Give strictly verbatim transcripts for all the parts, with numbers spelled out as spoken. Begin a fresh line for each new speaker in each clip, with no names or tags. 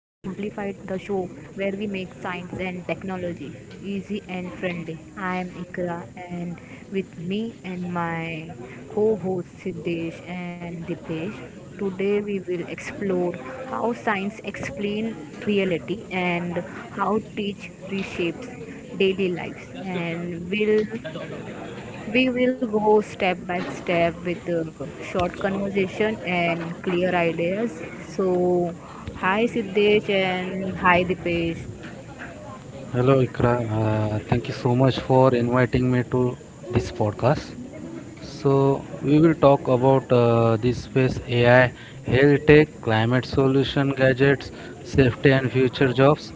the show where we make science and technology easy and friendly. I am Ikra, and with me and my co hosts Siddesh and Dipesh, today we will explore how science explains reality and how teach reshapes daily lives, and will we will go step by step with a short conversation and clear ideas. So, hi Siddesh and hi Dipesh.
Hello, Ikra. Uh, thank you so much for inviting me to this podcast. So, we will talk about uh, this space A I, health tech, climate solution gadgets, safety, and future jobs.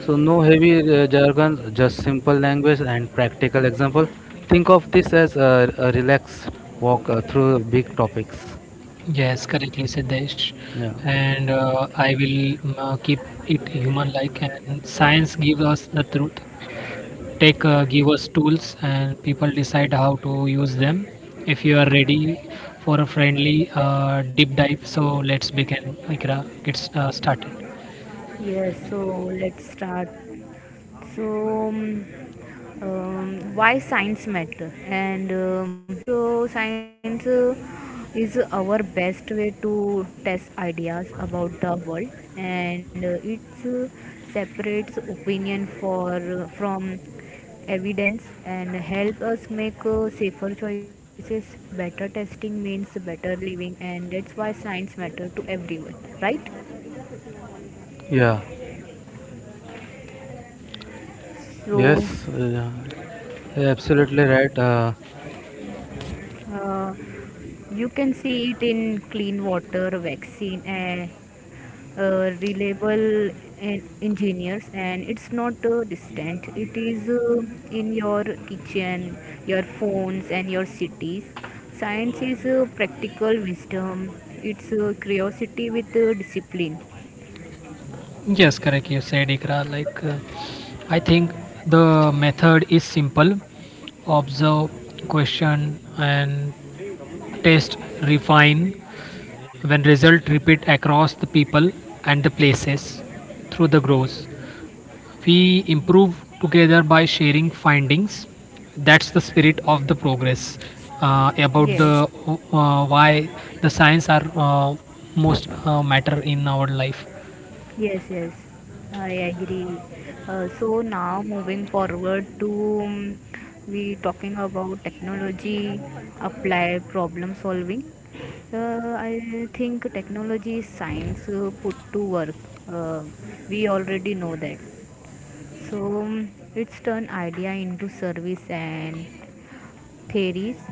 So, no heavy uh, jargon, just simple language and practical example. Think of this as a, a relaxed walk uh, through big topics.
Yes, correctly, Siddesh.
Yeah.
And uh, I will um, uh, keep it human-like. And science gives us the truth. Tech uh, give us tools, and people decide how to use them. If you are ready for a friendly uh, deep dive, so let's begin. Ikra, get s- uh, started.
Yes, so let's start, so um, um, why science matter? And um, so science uh, is our best way to test ideas about the world, and uh, it uh, separates opinion for uh, from evidence and help us make uh, safer choices. Better testing means better living, and that's why science matter to everyone, right?
Yeah.
So
Yes. Uh, yeah, absolutely right. Uh,
uh, You can see it in clean water, vaccine, uh, uh, reliable en- engineers, and it's not uh, distant. It is uh, in your kitchen, your phones, and your cities. Science is uh, practical wisdom. It's uh, curiosity with uh, discipline.
Yes, correct. You said Ikra. Like, uh, I think the method is simple: observe, question, and test, refine. When results repeat across the people and the places through the grows, we improve together by sharing findings. That's the spirit of the progress uh, about the
Yes.
uh, why the science are uh, most uh, matter in our life.
Yes, yes, I agree. Uh, so now moving forward to um, we talking about technology applied problem solving. Uh, I think technology is science uh, put to work. Uh, we already know that. So um, it's turn idea into service, and theories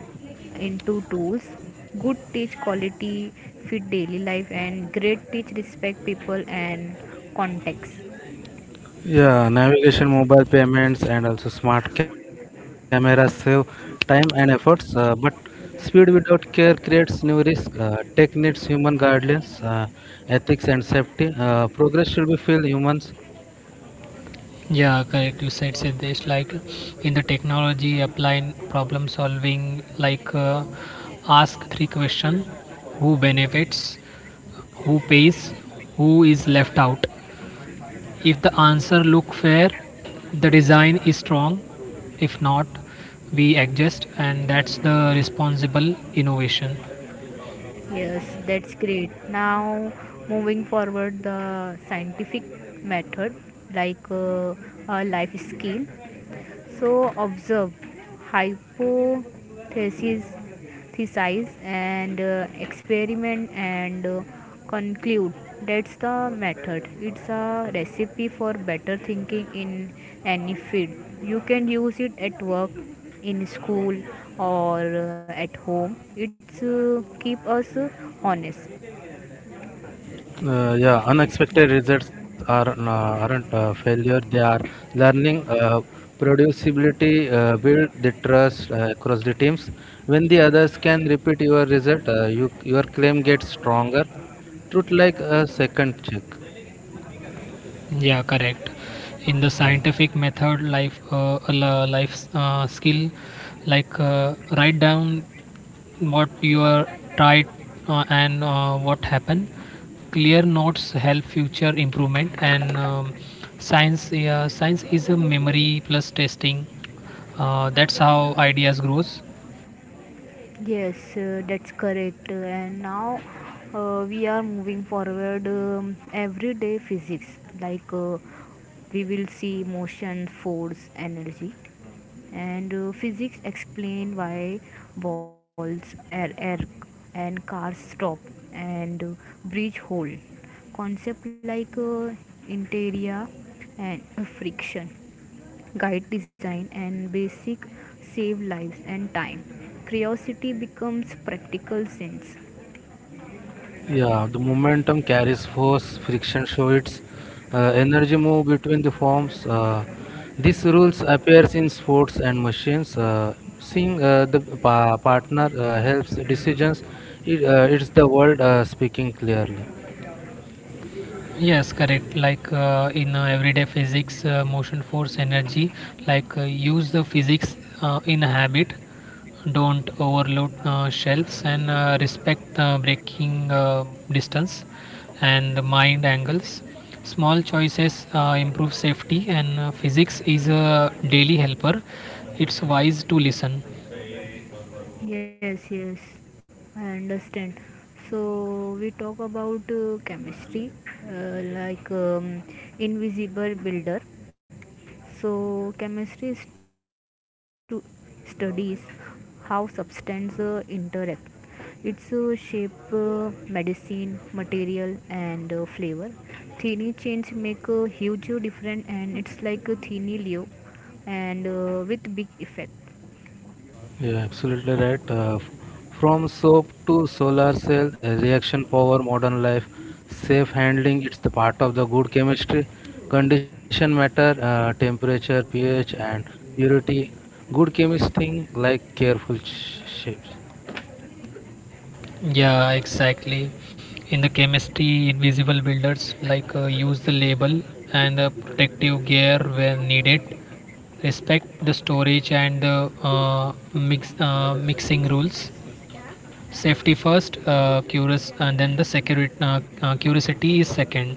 into tools. Good teach quality, fit daily life, and great teach respect people and context.
Yeah, navigation, mobile payments, and also smart cameras save time and efforts. Uh, but speed without care creates new risk. Uh, tech needs human guidelines, uh, ethics, and safety. Uh, progress should be feel humans.
Yeah, correct. You said said this like, in the technology applying problem solving, like uh, ask three question: who benefits, who pays, who is left out. If the answer look fair, the design is strong. If not, we adjust, and that's the responsible innovation.
Yes, that's great. Now, moving forward, the scientific method, like uh, a life skill. So observe, hypothesis, and uh, experiment, and uh, conclude. That's the method. It's a recipe for better thinking in any field. You can use it at work, in school, or uh, at home. It's uh, keep us uh, honest.
Uh, yeah, unexpected results are n- aren't uh, failure. They are learning. Uh, producibility uh, build the trust uh, across the teams. When the others can repeat your result, uh, you, your claim gets stronger. Truth like a second check.
Yeah, correct. In the
Yeah.
scientific method, life, uh, la- life uh, skill, like uh, write down what you are tried uh, and uh, what happened. Clear notes help future improvement and um, science. Yeah, science is a memory plus testing. Uh, that's how ideas grows.
Yes, uh, that's correct. And now uh, we are moving forward, um, everyday physics. Like, uh, we will see motion, force, energy, and uh, physics explain why balls, air, air, and cars stop, and uh, bridge hold. Concept like, uh, interior and friction guide design, and basic save lives and time. Curiosity becomes practical sense.
Yeah, the momentum carries force, friction shows its uh, energy move between the forms. Uh, these rules appears in sports and machines. Uh, seeing uh, the pa- partner uh, helps decisions. It, uh, it's the world uh, speaking clearly.
Yes, correct. Like uh, in uh, everyday physics, uh, motion, force, energy, like uh, use the physics uh, in habit, don't overload uh, shelves, and uh, respect the braking uh, distance and the mind angles. Small choices uh, improve safety, and uh, physics is a daily helper. It's wise to listen.
Yes, yes, I understand. So we talk about uh, chemistry, uh, like um, invisible builder. So, chemistry stu- studies how substance uh, interact. Its uh, shape, uh, medicine, material, and uh, flavor. Tiny change make a huge difference, and it's like a tiny leaf, and uh, with big effect.
Yeah, absolutely right. Uh, f- from soap to solar cell, uh, reaction power, modern life, safe handling, it's the part of the good chemistry. Condition matter, uh, temperature, pH, and purity. Good chemist thing like careful sh- shapes.
Yeah, exactly. In the chemistry, invisible builders, like uh, use the label and the protective gear when needed, respect the storage and the uh, mix uh, mixing rules. Safety first, uh, curious, and then the security. Uh, uh, curiosity is second.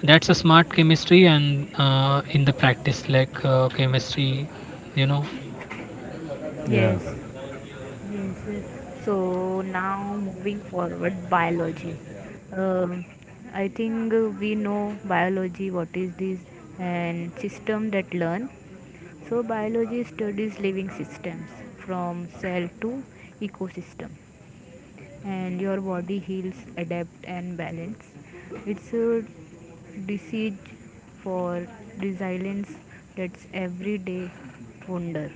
That's a smart chemistry, and uh, in the practice, like uh, chemistry, you know.
Yeah.
Yes. Yes, yes. So now moving forward, biology. Um I think uh, we know biology, what is this, and system that learn. So biology studies living systems, from cell to ecosystem, and your body heals, adapt, and balance. It's a disease for resilience. That's everyday wonder.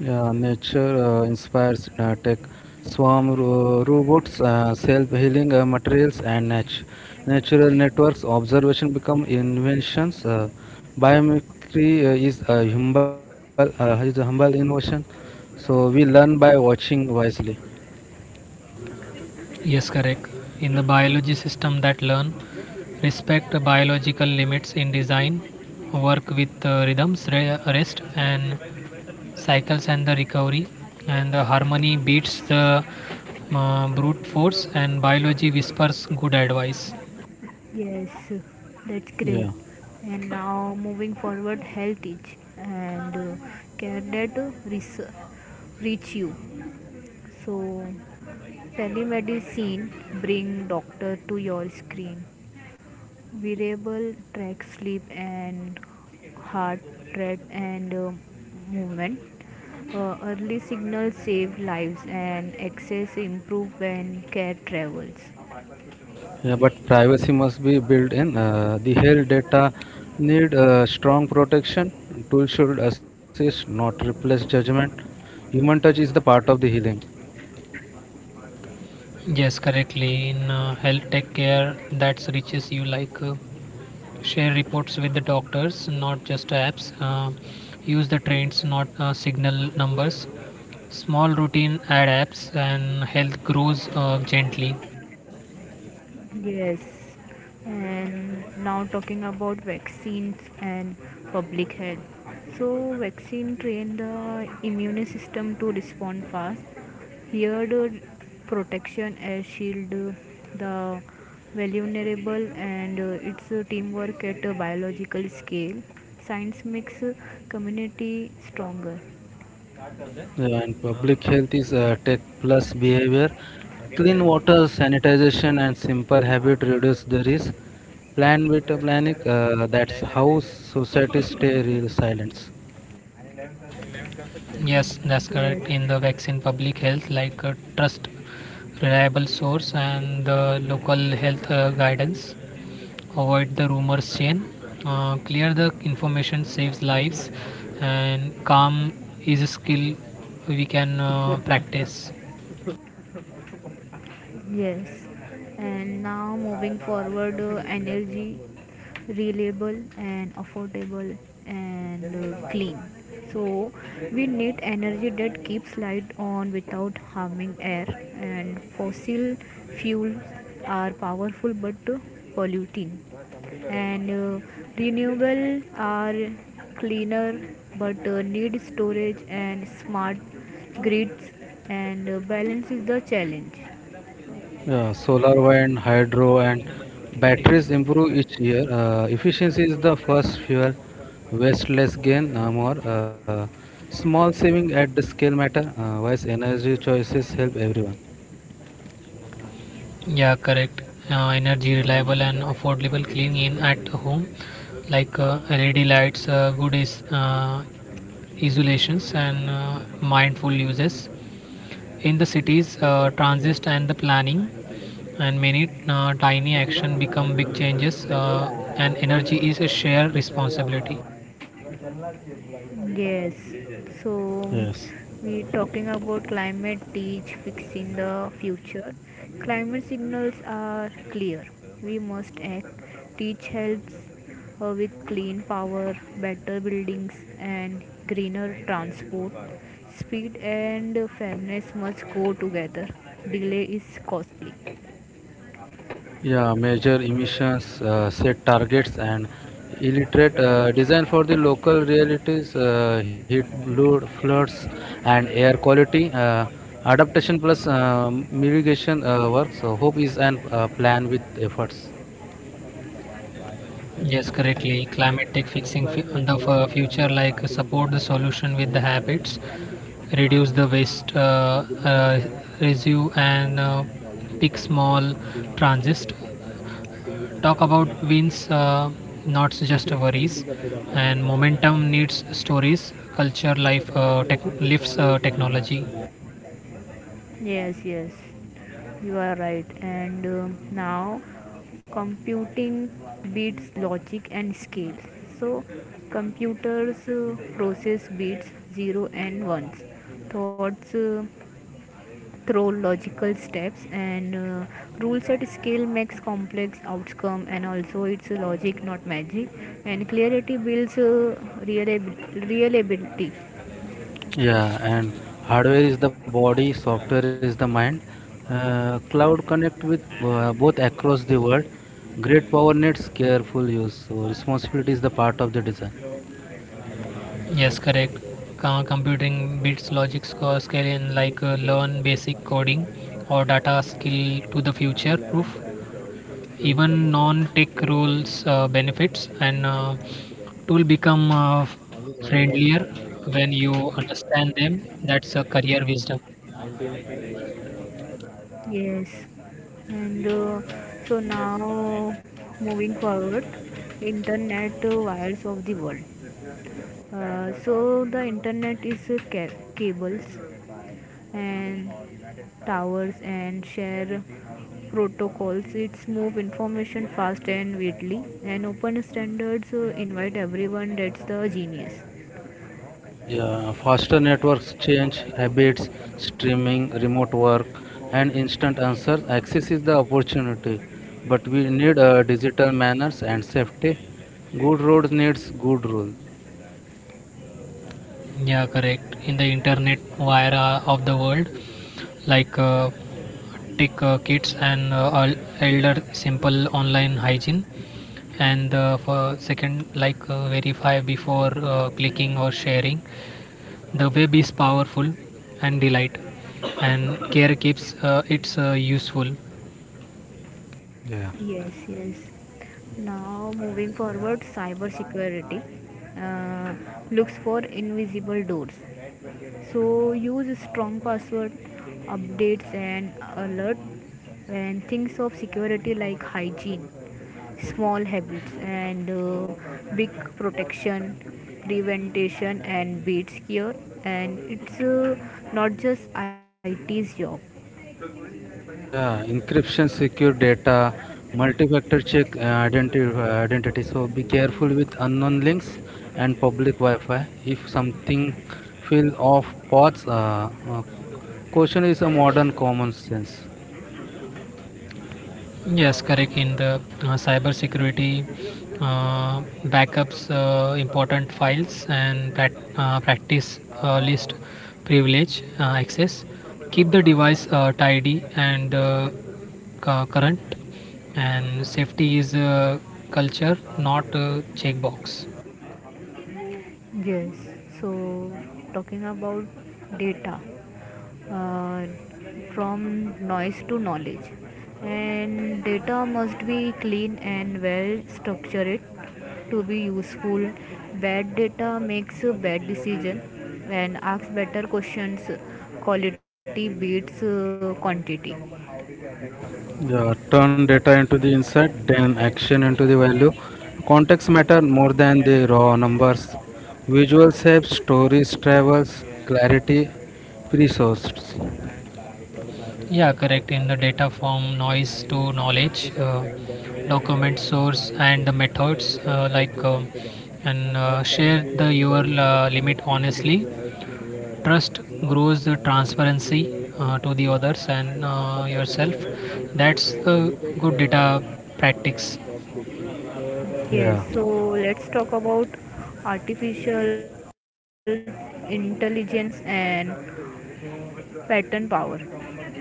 Yeah, nature uh, inspires uh, tech, swarm ro- robots, uh, self-healing uh, materials, and nat- natural networks. Observation become inventions. Uh, biomimicry uh, is a humble uh, is a humble innovation. So we learn by watching wisely.
Yes, correct. In the biology system that learn, respect biological limits in design, work with uh, rhythms, re- rest and cycles and the recovery, and the harmony beats the uh, brute force, and biology whispers good advice.
Yes, that's great.
Yeah,
And now moving forward, health is, and uh, care that uh, reach, reach you. So telemedicine bring doctor to your screen. Wearable track sleep and heart rate and uh, movement. Uh, early signals save lives, and access improve when care travels.
yeah. But privacy must be built in. Uh, the health data need uh, strong protection. Tools should assist, not replace judgment. Human touch is the part of the healing.
Yes, correctly. In uh, health tech care, that's reaches you, like uh, share reports with the doctors, not just apps. Uh, use the trends, not uh, signal numbers. Small routine ad apps, and health grows uh, gently.
Yes, and now talking about vaccines and public health. So, vaccine train the immune system to respond fast. Here, the protection as shield the vulnerable, and uh, its uh, teamwork at a biological scale. Science makes uh, community stronger.
Yeah, and public health is uh, tech plus behavior. Clean water, sanitization, and simple habit reduce the risk. Plan with a plan. Uh, that's how society stay real silence.
Yes, that's correct. In the
Yes.
vaccine public health, like uh, trust reliable source and the local health uh, guidance, avoid the rumors chain. Uh, clear the information saves lives, and calm is a skill we can uh, practice.
Yes, and now moving forward, uh, energy reliable and affordable and uh, clean. So we need energy that keeps light on without harming air. And fossil fuels are powerful but uh, polluting, and uh, renewable are cleaner but uh, need storage and smart grids. And uh, balance is the challenge.
Yeah, solar wind, hydro, and batteries improve each year. Uh, efficiency is the first fuel. Waste less gain, uh, more. Uh, small saving at the scale matter. Uh, wise energy choices help everyone.
Yeah, correct. Uh, energy reliable and affordable clean in at home, like uh, L E D lights, uh, good is, uh, isolations, and uh, mindful uses. In the cities, uh, transit and the planning, and many uh, tiny action become big changes, uh, and energy is a shared responsibility.
Yes, so
Yes.
we talking about climate teach fixing the future. Climate signals are clear. We must act. Teach helps uh, with clean power, better buildings, and greener transport. Speed and fairness must go together. Delay is costly.
Yeah, measure emissions, uh, set targets, and illiterate uh, design for the local realities, uh, heat, flood, floods, and air quality. Uh, adaptation plus uh, mitigation uh, works. So hope is an uh, plan with efforts.
Yes, correctly. Climatic fixing fu- the f- future, like support the solution with the habits, reduce the waste, uh, uh, residue, and uh, pick small transist. Talk about wins, uh, not just worries. And momentum needs stories, culture, life, uh, tech, lifts uh, technology.
Yes, yes, you are right. And um, now, computing beats logic and scales. So computers uh, process bits zero and ones, thoughts uh, through logical steps, and uh, rules at scale makes complex outcome. And also it's logic, not magic. And clarity builds uh, reliab- reliability.
Yeah, and hardware is the body, software is the mind. Uh, cloud connect with uh, both across the world. Great power needs careful use. So responsibility is the part of the design.
Yes, correct. Com- computing beats logic score scaling, like uh, learn basic coding or data skill to the future proof. Even non-tech rules uh, benefits, and uh, tool become uh, friendlier when you understand them. That's a career wisdom.
Yes, and uh, so now moving forward, internet, uh, wires of the world. Uh, so the internet is uh, ca- cables and towers and share protocols. It's move information fast and widely, and open standards uh, invite everyone. That's the genius.
Yeah, faster networks change habits, streaming, remote work, and instant answers. Access is the opportunity, but we need uh, digital manners and safety. Good roads needs good rule.
Yeah, correct. In the internet era of the world, like uh, tech uh, kids and uh, el- elder simple online hygiene, and uh, for second, like uh, verify before uh, clicking or sharing. The web is powerful and delight, and care keeps uh, it's uh, useful.
Yeah,
Yes, yes. Now, moving forward, cybersecurity uh, looks for invisible doors. So, use strong password, updates, and alert, and things of security like hygiene, small habits, and uh, big protection. Prevention and beats here, and it's uh, not just I T's job.
yeah. Encryption, secure data, multi-factor check uh, identity. uh, identity. So be careful with unknown links and public Wi-Fi. If something feel off, pause. Uh, uh, caution is a modern common sense.
Yes, correct. In the uh, cyber security, uh, backups uh, important files and prac uh, practice uh, list privilege uh, access. Keep the device uh, tidy and uh, cu- current. And safety is uh, culture, not a checkbox.
Yes, so talking about data, uh, from noise to knowledge, and data must be clean and well structured to be useful. Bad data makes a bad decision, and asks better questions. Quality beats uh, quantity.
Yeah, turn data into the insight, then action into the value. Context matter more than the raw numbers. Visuals help, stories travels, clarity, resources.
Yeah, correct. In the data from noise to knowledge, uh, document source and the methods uh, like um And uh, share the your uh, limit honestly. Trust grows the transparency uh, to the others and uh, yourself. That's the good data practice.
Yes,
Yeah,
so let's talk about artificial intelligence and pattern power.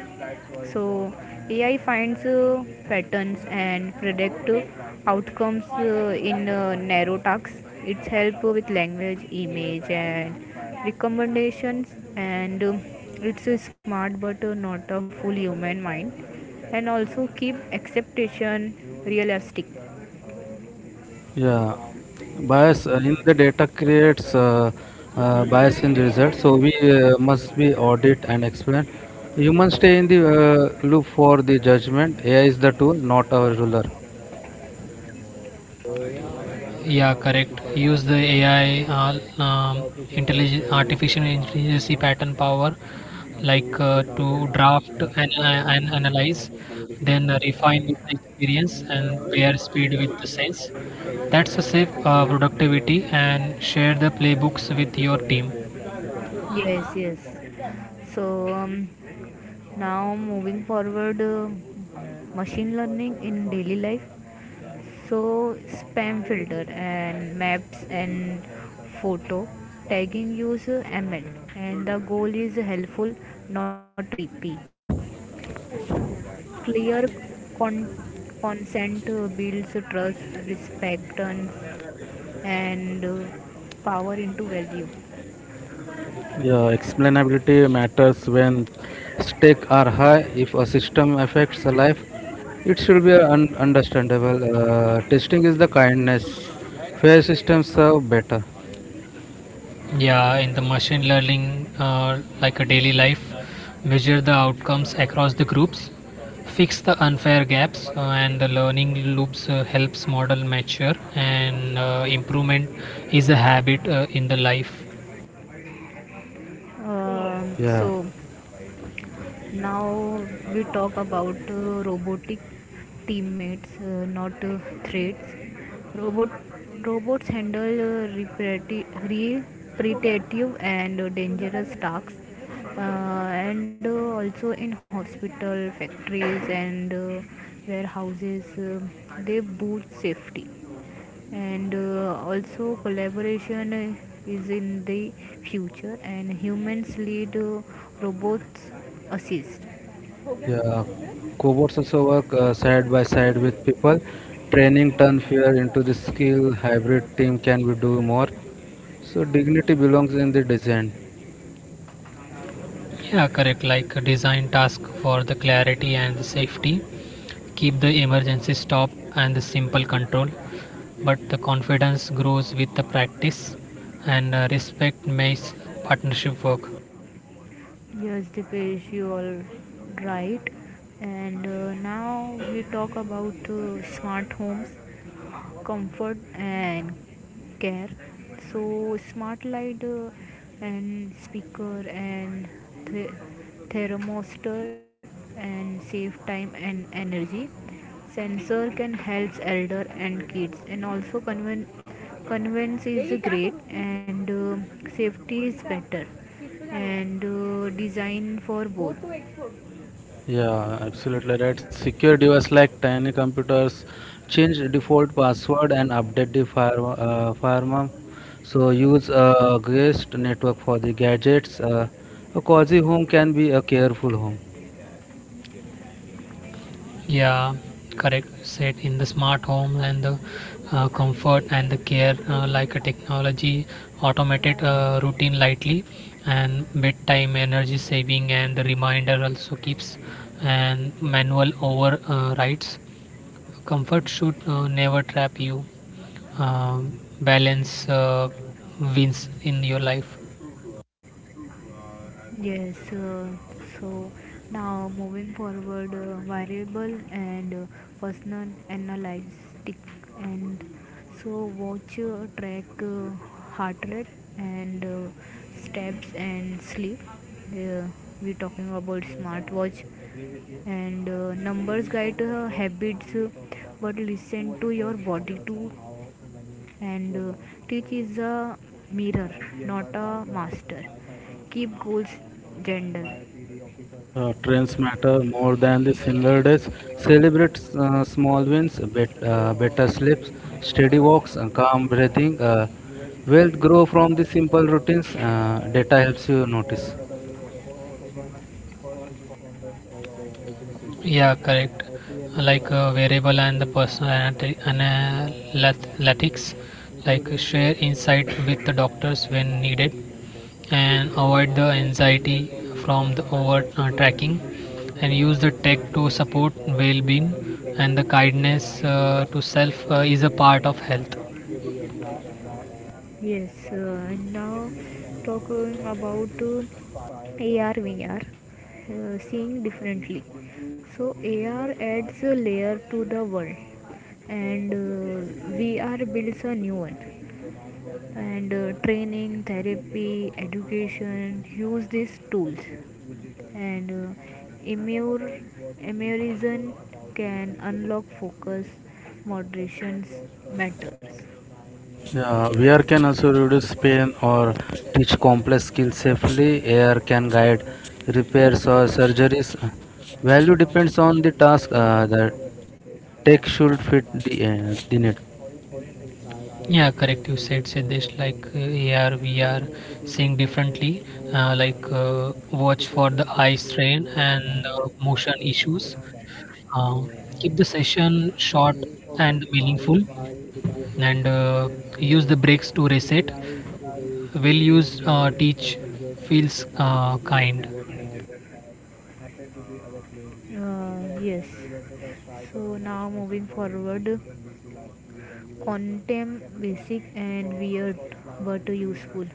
So A I finds uh, patterns and predict uh, outcomes uh, in uh, narrow tasks. It's help with language, image, and recommendations, and um, it's a smart but uh, not a full human mind, and also keep expectation realistic.
yeah. Bias uh, in the data creates uh, uh, bias in the result. So we uh, must be audit and explain. Humans stay in the uh, loop for the judgment. A I is the tool, not our ruler.
Yeah, correct. Use the A I, uh, um, intelligent artificial intelligence pattern power, like uh, to draft and, uh, and analyze, then refine with the experience, and pair speed with the sense. That's a safe uh, productivity, and share the playbooks with your team.
Yes, yes. So um, now moving forward, uh, machine learning in daily life. So spam filter and maps and photo tagging user ml, and the goal is helpful, not uh, creepy. Clear con- consent uh, builds trust, respect, and and, uh, power into value.
Yeah, explainability matters when stakes are high. If a system affects a life, it should be un- understandable. Uh, testing is the kindness. Fair systems serve better.
Yeah, in the machine learning, uh, like a daily life, measure the outcomes across the groups, fix the unfair gaps, uh, and the learning loops uh, helps model mature, and uh, improvement is a habit uh, in the life.
um,
Yeah,
so now we talk about uh, robotic teammates, uh, not uh, threats. Robot robots handle uh, reparati- repetitive and uh, dangerous tasks, uh, and uh, also in hospital factories and uh, warehouses. Uh, they boost safety, and uh, also collaboration uh, is in the future, and humans lead, uh, robots assist. हो गया
yeah.
हो गया
Cobots also work uh,
ये
side
कर
by side with people. Training turn fear into the skill. Hybrid team can we
ये
do
कर
more?
फिर
So dignity belongs in the design.
Yeah, correct. Like uh, design task for the clarity and the safety, keep the emergency stop and the simple control, but the confidence grows with the practice, and uh, respect makes partnership work.
Yes, Dipesh, you are right. And uh, now we talk about uh, smart homes, comfort and care. So smart light uh, and speaker and th- thermostat, and save time and energy. Sensor can help elder and kids, and also conven- convenience is great, and uh, safety is better, and uh, design for both.
Yeah, absolutely right. Secure device like tiny computers change default password and update the fire, uh, firmware. So use a guest network for the gadgets. Uh, a cozy home can be a careful home.
Yeah, correct. Set in the smart home and the uh, comfort and the care, uh, like a technology, automated uh, routine lightly, and bedtime energy saving, and the reminder also keeps and manual overrides. Comfort should uh, never trap you. Um balance uh, wins in your life.
Yes, uh, so now moving forward, uh, variable and uh, personal analytic. And so watch, uh, track uh, heart rate and uh, steps and sleep. Uh, we're talking about smartwatch, and uh, numbers guide uh, habits, uh, but listen to your body too, and uh, teach is a mirror, not a master. Keep goals gender.
Uh, trends matter more than the single days. Celebrate uh, small wins, bet, uh, better sleeps, steady walks, and calm breathing. Uh, wealth grow from the simple routines. Uh, data helps you notice.
Yeah, correct. Like uh, variable and the personal anati- analytics, like share insight with the doctors when needed, and avoid the anxiety from the over uh, tracking, and use the tech to support well-being, and the kindness uh, to self uh, is a part of health.
Yes, uh, now talking about uh, ar vr, uh, seeing differently. So ar adds a layer to the world, and uh, vr builds a new one, and uh, training, therapy, education use these tools. And uh, emure, emurism can unlock focus. Moderations matters.
Yeah, V R can also reduce pain or teach complex skills safely. A R can guide repairs or surgeries. Value depends on the task. Uh, the tech should fit the, uh, the need.
Yeah, correct. You said Siddesh. Like uh, here we are seeing differently. Uh, like uh, watch for the eye strain and uh, motion issues, uh, keep the session short and meaningful, and uh, use the breaks to reset. Will use uh, teach feels uh, kind.
Uh, for forward, you quantum basic and weird but useful.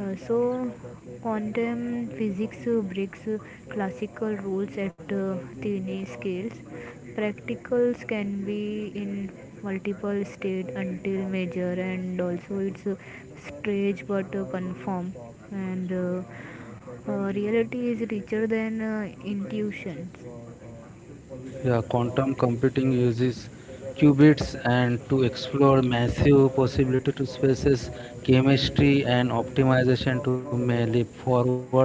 Uh, so, quantum physics uh, breaks uh, classical rules at uh, tiny scales. Practicals can be in multiple state until major, and also it's uh, strange but uh, confirm. And uh, uh, reality is richer than uh, intuitions.
Yeah, quantum computing uses qubits and to explore massive possibility to spaces, chemistry and optimization to may leap forward.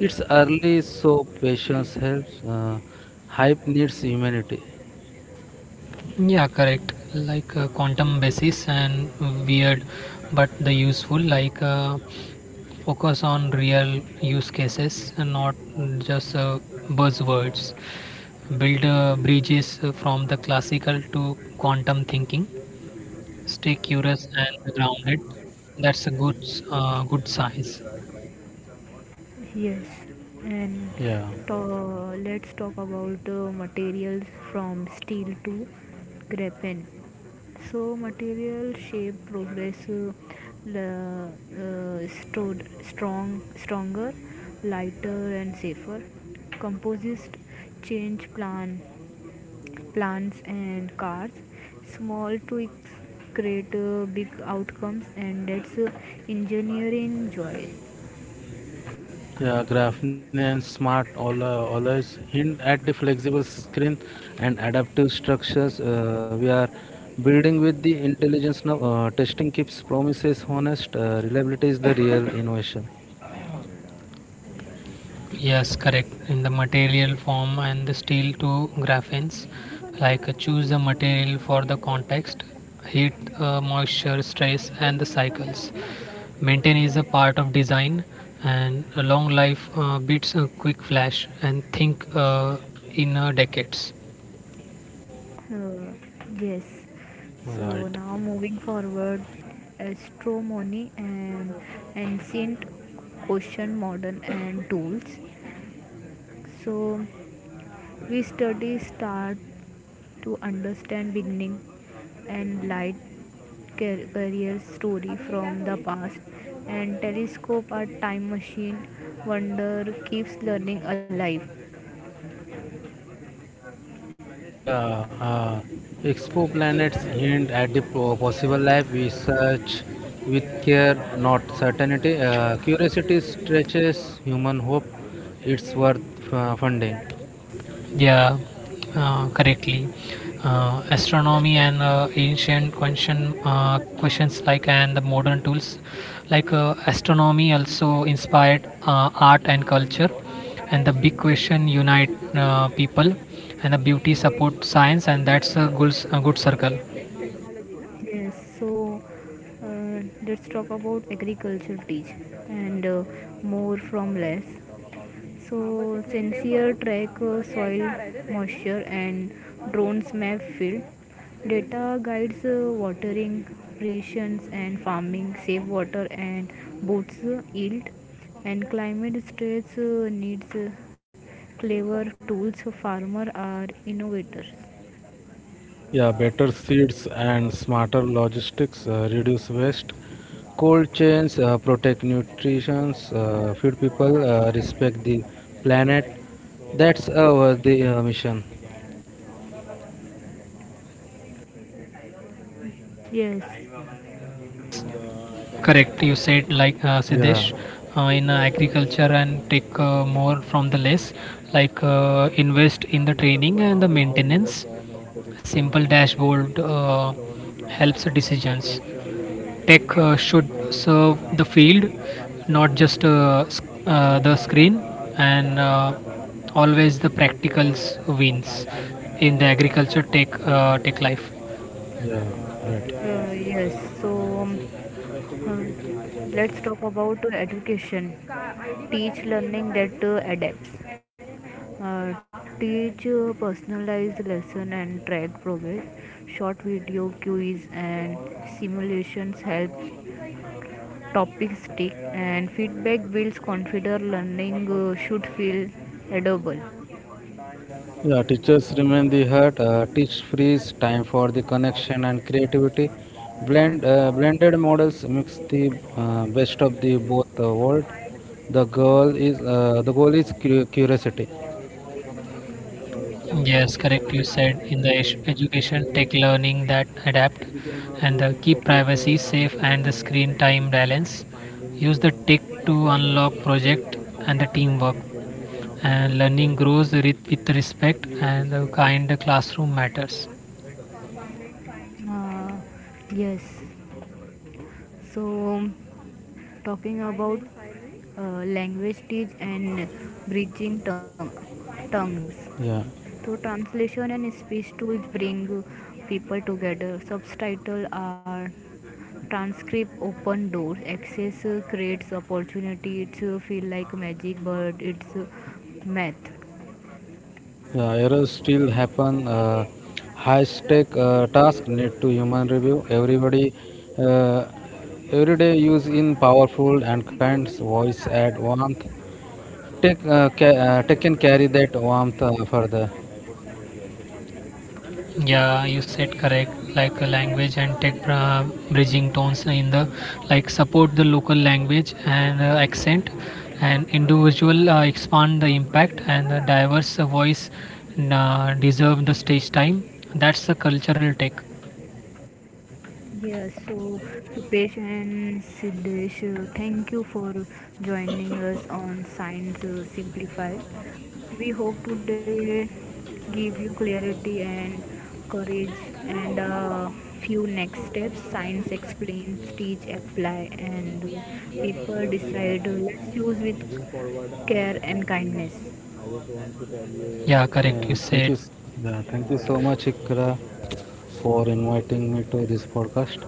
It's early, so patience helps. Uh, hype needs humanity.
Yeah, correct. Like uh, quantum basis and weird but the useful, like uh, focus on real use cases and not just uh, buzzwords. Build uh, bridges from the classical to quantum thinking. Stay curious and grounded. That's a good, uh, good size.
Yes, and
Yeah.
to- let's talk about uh, materials, from steel to graphene. So, material shape progress, uh, la- uh, stored strong, stronger, lighter, and safer. Composites change plan plants and cars. Small tweaks create uh, big outcomes, and that's uh, engineering joy.
Yeah, Graphene and Smart al- always hint at the flexible screen and adaptive structures uh, we are building with the intelligence now. Uh, testing keeps promises honest. Uh, reliability is the real innovation.
Yes, correct. In the material form and the steel to graphenes, like uh, choose the material for the context, heat, uh, moisture, stress, and the cycles. Maintain is a part of design, and a long life uh, beats a quick flash. And think uh, in uh, decades.
Uh, yes. So
Right.
now moving forward, astronomy and ancient ocean modern and tools. So we study start to understand beginning, and light career story from the past, and telescope our time machine. Wonder keeps learning alive.
Yeah, uh, exoplanets hint at the po- possible life. We search with care, not certainty. Uh, curiosity stretches human hope. It's worth uh, funding.
Yeah, uh, correctly. Uh, astronomy and uh, ancient question uh, questions like and the modern tools, like uh, astronomy also inspired uh, art
P
and culture,
U I
and the
N
big
D
question unite uh, people, and the beauty support
B
science,
X
and that's a good, s- a good circle.
T technology. Yes, so uh, let's talk about agriculture teach, and uh, more from less. So, sensor track uh, soil moisture, and drones map field. Data guides uh, watering, irrigations, and farming, safe water, and boosts uh, yield, and climate stress uh, needs uh, clever tools. Farmers are innovators.
Yeah, better seeds and smarter logistics uh, reduce waste. Cold chains uh, protect nutrition, uh, feed people, uh, respect the planet. That's our the uh, mission.
Yes.
Correct. You said, like uh,
Yeah,
Siddesh, uh, in uh, agriculture and take uh, more from the less, like uh, invest in the training and the maintenance. Simple dashboard uh, helps decisions. Tech uh, should serve the field, not just uh, sc- uh, the screen, and uh, always the practicals wins in the agriculture tech uh, tech life.
yeah, right.
Uh, yes, so um, uh, let's talk about education, teach learning that uh, adapts. Uh, Teach uh, personalized lesson and track progress. Short video quiz and simulations help topics stick, and feedback builds confidence. Learning uh, should feel edible.
Yeah, teachers remain the heart. Uh, teach frees time for the connection and creativity. Blend uh, blended models mix the uh, best of the both uh, world. The goal is uh, the goal is cu- curiosity.
Uh,
Yes, correct. You said in the edu- education, take learning that adapt, and the keep privacy safe and the screen time balance. Use the tech to unlock project and the teamwork. And learning grows with with respect, and the kind classroom matters.
yes. So, talking about uh, language teach and bridging tongue, tongues.
Yeah.
So translation and speech tools bring people together. Subtitles are transcript, open doors. Access creates opportunity. It feel like magic, but it's uh, math.
Yeah, errors still happen. Uh, high stake uh, task need to human review. Everybody, uh, Everyday use in powerful and kind voice add warmth. Take, uh, ca- uh, take and carry that warmth uh, further.
Yeah, you said correct, like uh, language and tech uh, bridging tones in the, like support the local language and uh, accent and individual uh, expand the impact, and the diverse uh, voice uh, deserve the stage time. That's the cultural tech.
Yes, so Dipesh and Siddesh, uh, thank you for joining us on Science uh, Simplified. We hope today give you clarity and courage, and uh, few next steps. Science explains, teach, apply, and uh, people decide. Uh, let's choose with care and kindness.
Yeah, correct.
Uh,
Uh, you
thank you.
said,
s- Yeah, thank you so much, Ikra, for inviting me to this podcast.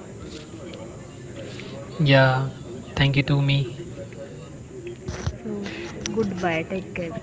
yeah, thank you to me.
So goodbye. Take care.